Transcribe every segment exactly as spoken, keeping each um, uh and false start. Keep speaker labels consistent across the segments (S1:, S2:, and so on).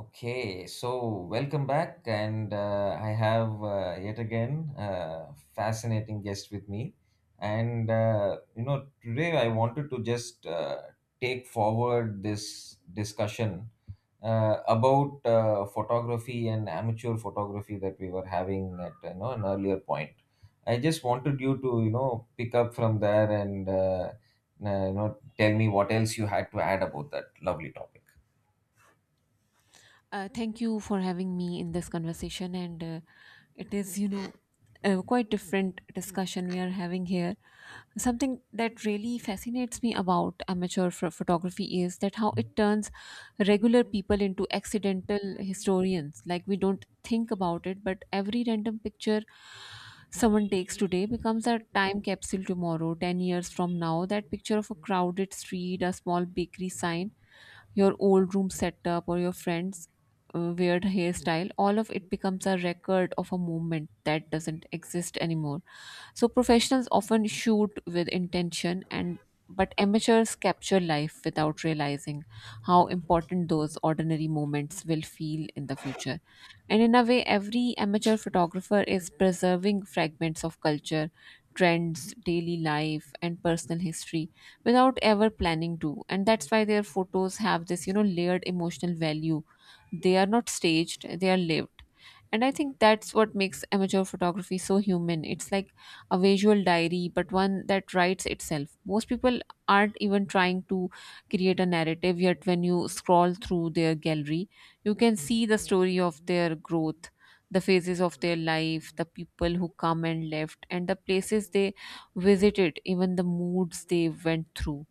S1: Okay, so welcome back, and uh, I have uh, yet again a fascinating guest with me. And uh, you know, today I wanted to just uh, take forward this discussion uh, about uh, photography and amateur photography that we were having at you know an earlier point. I just wanted you to you know pick up from there, and uh, you know tell me what else you had to add about that lovely topic.
S2: Uh, thank you for having me in this conversation, and uh, it is, you know, a quite different discussion we are having here. Something that really fascinates me about amateur ph- photography is that how it turns regular people into accidental historians. Like we don't think about it, but every random picture someone takes today becomes a time capsule tomorrow, ten years from now. That picture of a crowded street, a small bakery sign your old room setup or your friend's uh, weird hairstyle, all of it becomes a record of a moment that doesn't exist anymore. So professionals often shoot with intention and but amateurs capture life without realizing how important those ordinary moments will feel in the future. And in a way, every amateur photographer is preserving fragments of culture, trends, daily life, and personal history without ever planning to, and that's why their photos have this you know layered emotional value. They are not staged, they are lived. And I think that's what makes amateur photography so human. It's like a visual diary, but one that writes itself. Most people aren't even trying to create a narrative, yet when you scroll through their gallery you can see the story of their growth, the phases of their life, the people who come and left, and the places they visited, even the moods they went through.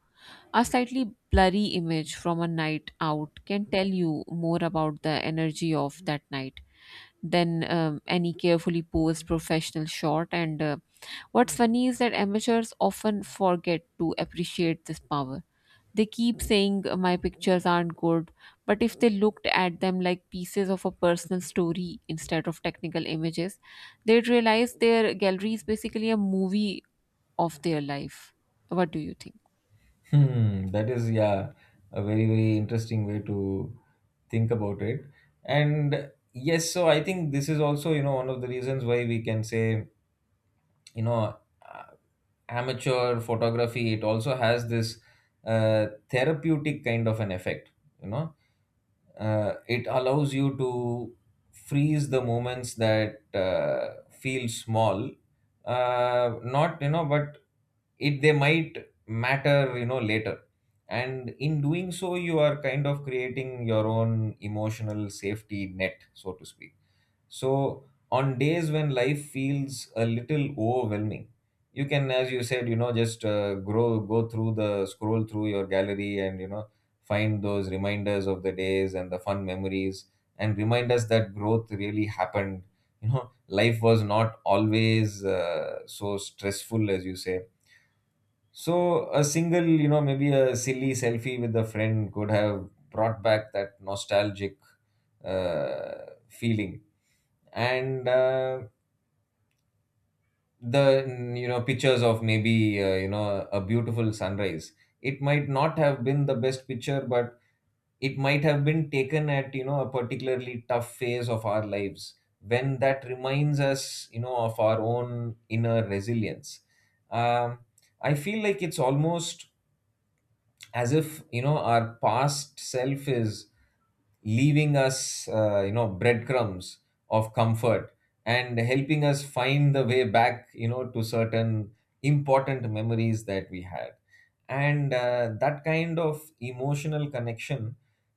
S2: A slightly blurry image from a night out can tell you more about the energy of that night than um, any carefully posed professional shot. And uh, what's funny is that amateurs often forget to appreciate this power. They keep saying uh, my pictures aren't good, but if they looked at them like pieces of a personal story instead of technical images, they'd realize their gallery is basically a movie of their life. What do you think?
S1: Hmm, that is, yeah, a very, very interesting way to think about it. And yes, so I think this is also you know one of the reasons why we can say, you know uh, amateur photography, it also has this uh, therapeutic kind of an effect. You know, uh, it allows you to freeze the moments that uh, feel small, uh, not, you know, but it they might matter, you know later. And in doing so, you are kind of creating your own emotional safety net, so to speak. So on days when life feels a little overwhelming, you can, as you said, you know just uh, grow go through the scroll through your gallery and you know find those reminders of the days and the fun memories, and remind us that growth really happened. You know life was not always uh, so stressful, as you say. So a single, you know, maybe a silly selfie with a friend, could have brought back that nostalgic uh, feeling. And uh, the mm, you know pictures of maybe uh, you know a beautiful sunrise. It might not have been the best picture, but it might have been taken at you know a particularly tough phase of our lives, when that reminds us you know of our own inner resilience. Um, I feel like it's almost as if you know our past self is leaving us uh, you know breadcrumbs of comfort, and helping us find the way back you know to certain important memories that we had. And uh, that kind of emotional connection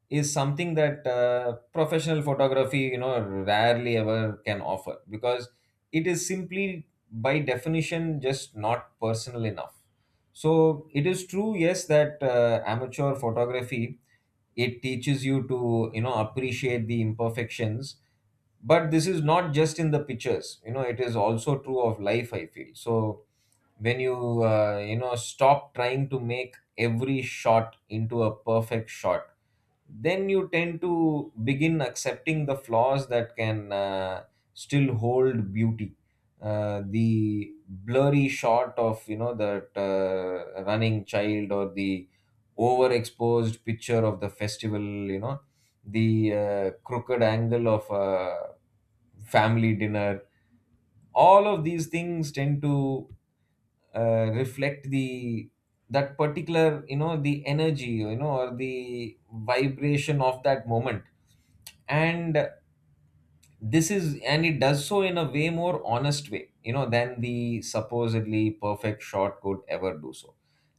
S1: is something that uh, professional photography you know rarely ever can offer, because it is simply by definition just not personal enough. So it is true, yes, that uh, amateur photography, it teaches you to you know appreciate the imperfections. But this is not just in the pictures, you know it is also true of life, I feel. So when you uh, you know stop trying to make every shot into a perfect shot, then you tend to begin accepting the flaws that can uh, still hold beauty. Uh, the blurry shot of you know that uh, running child, or the overexposed picture of the festival, you know the uh, crooked angle of a family dinner, all of these things tend to uh, reflect the that particular, you know the energy, you know or the vibration of that moment. And this is and it does so in a way more honest way, you know than the supposedly perfect shot could ever do so.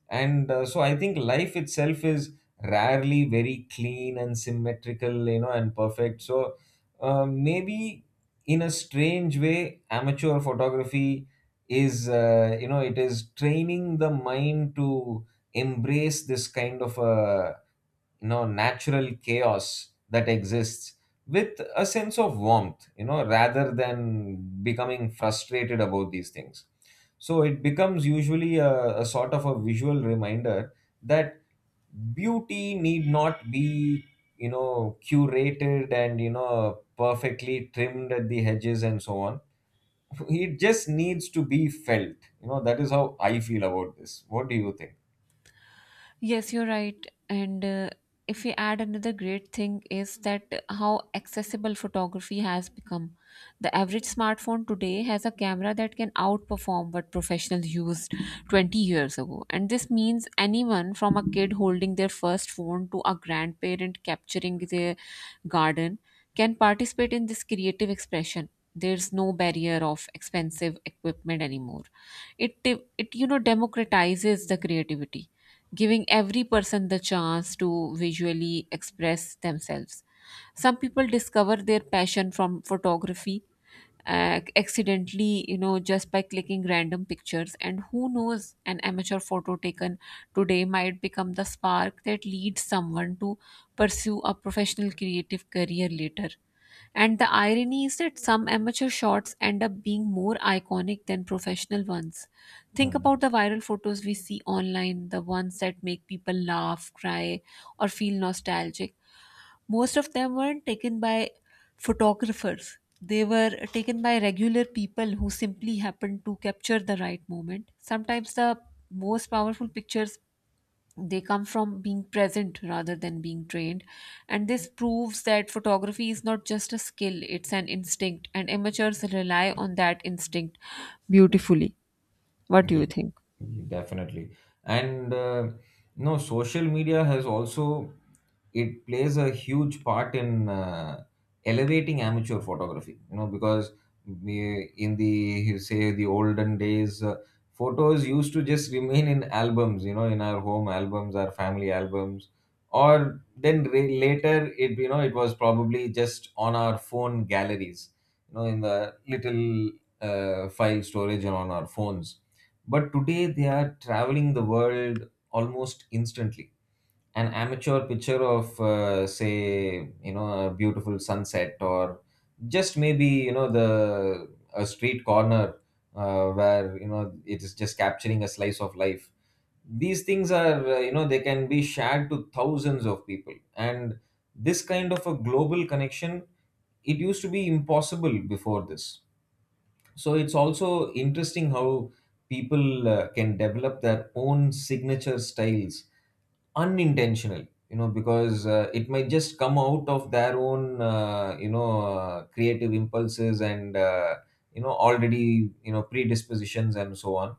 S1: And uh, so I think life itself is rarely very clean and symmetrical, you know and perfect. So uh, maybe, in a strange way, amateur photography is uh, you know it is training the mind to embrace this kind of a you know natural chaos that exists, with a sense of warmth, you know rather than becoming frustrated about these things. So it becomes, usually, a, a sort of a visual reminder that beauty need not be you know curated and you know perfectly trimmed at the hedges and so on. It just needs to be felt. You know that is how I feel about this. What do you think?
S2: Yes, you're right. And uh, if we add another great thing is that how accessible photography has become. The average smartphone today has a camera that can outperform what professionals used twenty years ago. And this means anyone from a kid holding their first phone to a grandparent capturing their garden can participate in this creative expression. There's no barrier of expensive equipment anymore. It it you know democratizes the creativity, giving every person the chance to visually express themselves. Some people discover their passion from photography uh, accidentally, you know, just by clicking random pictures. And who knows, an amateur photo taken today might become the spark that leads someone to pursue a professional creative career later. And the irony is that some amateur shots end up being more iconic than professional ones. Think
S1: Hmm.
S2: about the viral photos we see online, the ones that make people laugh, cry, or feel nostalgic. Most of them weren't taken by photographers. They were taken by regular people who simply happened to capture the right moment. Sometimes the most powerful pictures, they come from being present rather than being trained. And this proves that photography is not just a skill, it's an instinct, and amateurs rely on that instinct beautifully. What do you think?
S1: Definitely. And uh, no, social media has also it plays a huge part in uh, elevating amateur photography, you know because we, in the, say, the olden days, uh, photos used to just remain in albums, you know in our home albums, our family albums, or then re- later, it you know it was probably just on our phone galleries, you know in the little uh, file storage, and on our phones. But today they are traveling the world almost instantly. An amateur picture of, uh, say, you know a beautiful sunset, or just maybe, you know the a street corner, uh, where, you know it is just capturing a slice of life, these things are uh, you know they can be shared to thousands of people. And this kind of a global connection, it used to be impossible before this. So it's also interesting how people uh, can develop their own signature styles, unintentional, you know because uh, it might just come out of their own uh, you know uh, creative impulses, and uh, you know already, you know predispositions and so on.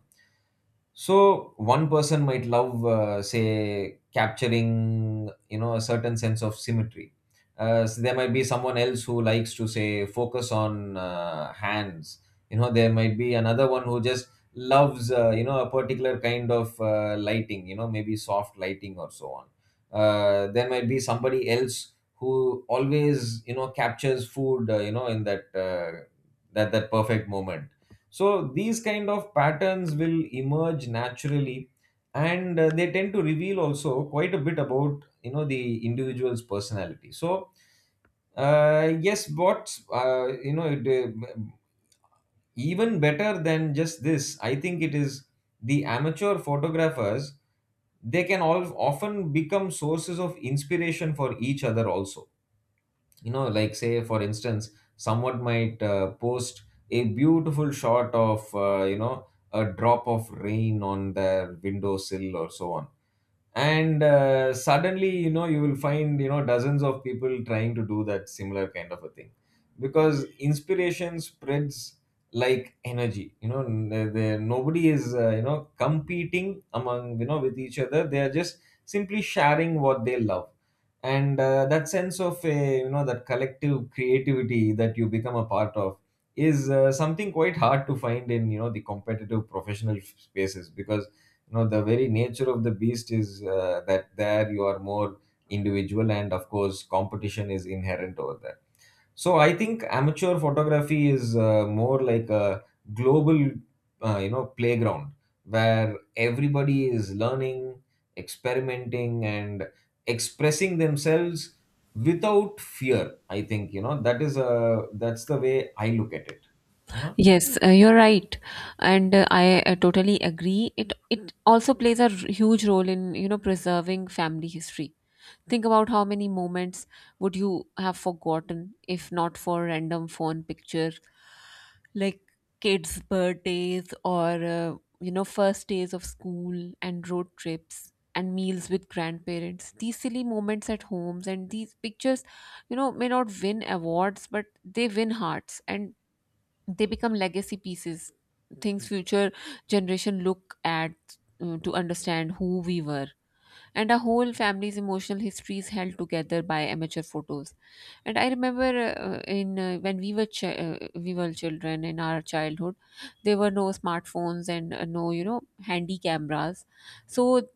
S1: So one person might love, uh, say, capturing you know a certain sense of symmetry. Uh, so there might be someone else who likes to, say, focus on uh, hands. You know there might be another one who just loves, uh, you know a particular kind of uh, lighting, you know maybe soft lighting or so on. Uh, there might be somebody else who always you know captures food, uh, you know in that uh, that that perfect moment. So these kind of patterns will emerge naturally. And uh, they tend to reveal also quite a bit about you know the individual's personality. So uh, yes, what uh, you know it, uh, even better than just this, I think it is the amateur photographers, they can all often become sources of inspiration for each other also. You know like, say, for instance, someone might uh, post a beautiful shot of uh, you know a drop of rain on their windowsill or so on, and uh, suddenly you know you will find you know dozens of people trying to do that similar kind of a thing, because inspiration spreads like energy. You know n- there, nobody is uh, you know competing among you know with each other. They are just simply sharing what they love. And uh, that sense of a you know that collective creativity that you become a part of is uh, something quite hard to find in you know the competitive professional spaces, because you know the very nature of the beast is uh, that there, you are more individual, and of course competition is inherent over there. So I think amateur photography is uh, more like a global, uh, you know playground, where everybody is learning, experimenting, and expressing themselves without fear. I think you know that is a that's the way I look at it you
S2: Yes, uh, you're right, and uh, I uh, totally agree. It it also plays a r- huge role in you know preserving family history. Think about how many moments would you have forgotten if not for random phone picture, like kids' birthdays or uh, you know first days of school, and road trips and meals with grandparents, these silly moments at homes. And these pictures, you know, may not win awards but they win hearts, and they become legacy pieces, things future generation look at uh, to understand who we were. And our whole family's emotional history is held together by amateur photos. And I remember uh, in uh, when we were ch- uh, we were children in our childhood there were no smartphones, and uh, no you know handy cameras. So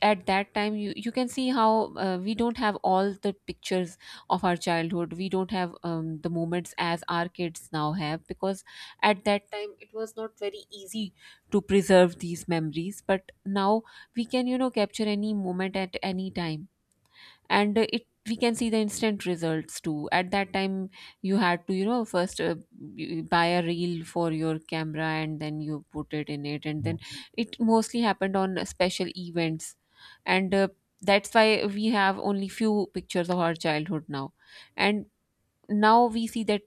S2: at that time you, you can see how uh, we don't have all the pictures of our childhood. We don't have um, the moments as our kids now have, because at that time it was not very easy to preserve these memories. But now we can, you know, capture any moment at any time. And uh, it we can see the instant results too. At that time you had to, you know, first uh, you buy a reel for your camera and then you put it in it and
S1: know
S2: then it mostly happened on special events. And uh, that's why we have only few pictures of our childhood now. And now we see that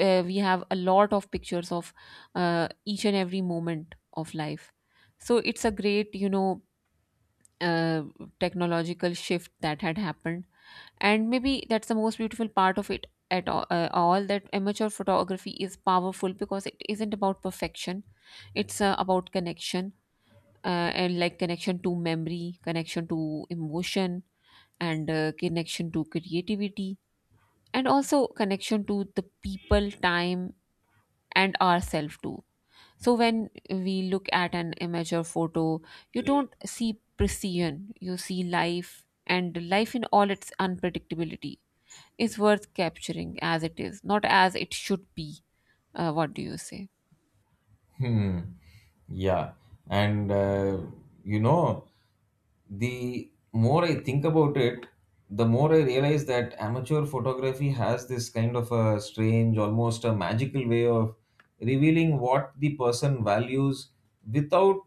S2: uh, we have a lot of pictures of uh, each and every moment of life. So it's a great, you know, uh, technological shift that had happened. And maybe that's the most beautiful part of it at all, uh, all that amateur photography is powerful because it isn't about perfection. It's uh, about connection. uh, and like connection to memory, connection to emotion, and uh, connection to creativity, and also connection to the people time and ourselves too. So when we look at an image or photo, you don't see precision, you see life. And life in all its unpredictability is worth capturing as it is, not as it should be. Uh, what do you say?
S1: Hmm. Yeah. And uh, you know, the more I think about it, the more I realize that amateur photography has this kind of a strange, almost a magical way of revealing what the person values, without,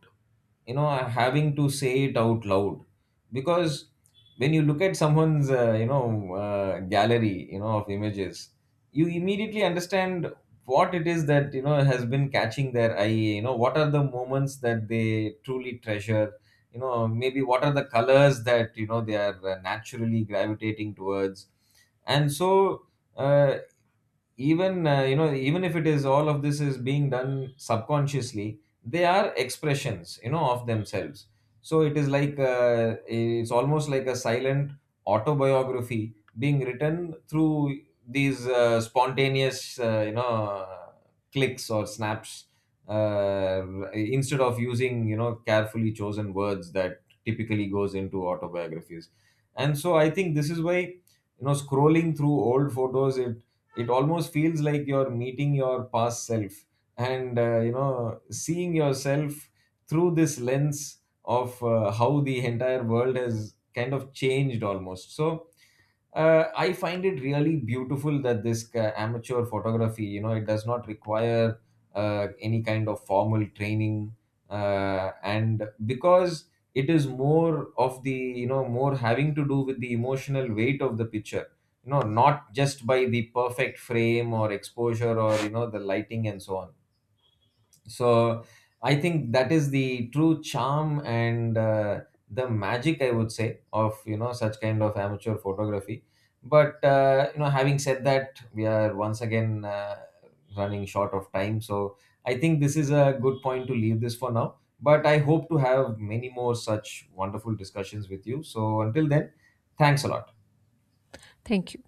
S1: you know, having to say it out loud. Because when you look at someone's, uh, you know, uh, gallery, you know, of images, you immediately understand what it is that you know has been catching their eye, you know what are the moments that they truly treasure, you know maybe what are the colors that you know they are uh, naturally gravitating towards, and so, uh, even uh, you know even if it is all of this is being done subconsciously, they are expressions, you know of themselves. So it is like uh, it's almost like a silent autobiography being written through these uh, spontaneous, uh, you know clicks or snaps, uh, instead of using you know carefully chosen words that typically goes into autobiographies. And so I think this is why you know scrolling through old photos, it it almost feels like you're meeting your past self, and uh, you know seeing yourself through this lens of, uh, how the entire world has kind of changed, almost. So uh, I find it really beautiful that this uh, amateur photography, you know, it does not require uh, any kind of formal training, uh, and because it is more of the, you know, more having to do with the emotional weight of the picture, you know, not just by the perfect frame or exposure, or you know the lighting and so on. So I think that is the true charm, and uh, the magic, I would say, of you know such kind of amateur photography. But uh, you know having said that, we are once again uh, running short of time. So I think this is a good point to leave this for now, but I hope to have many more such wonderful discussions with you. So until then, thanks a lot.
S2: Thank you.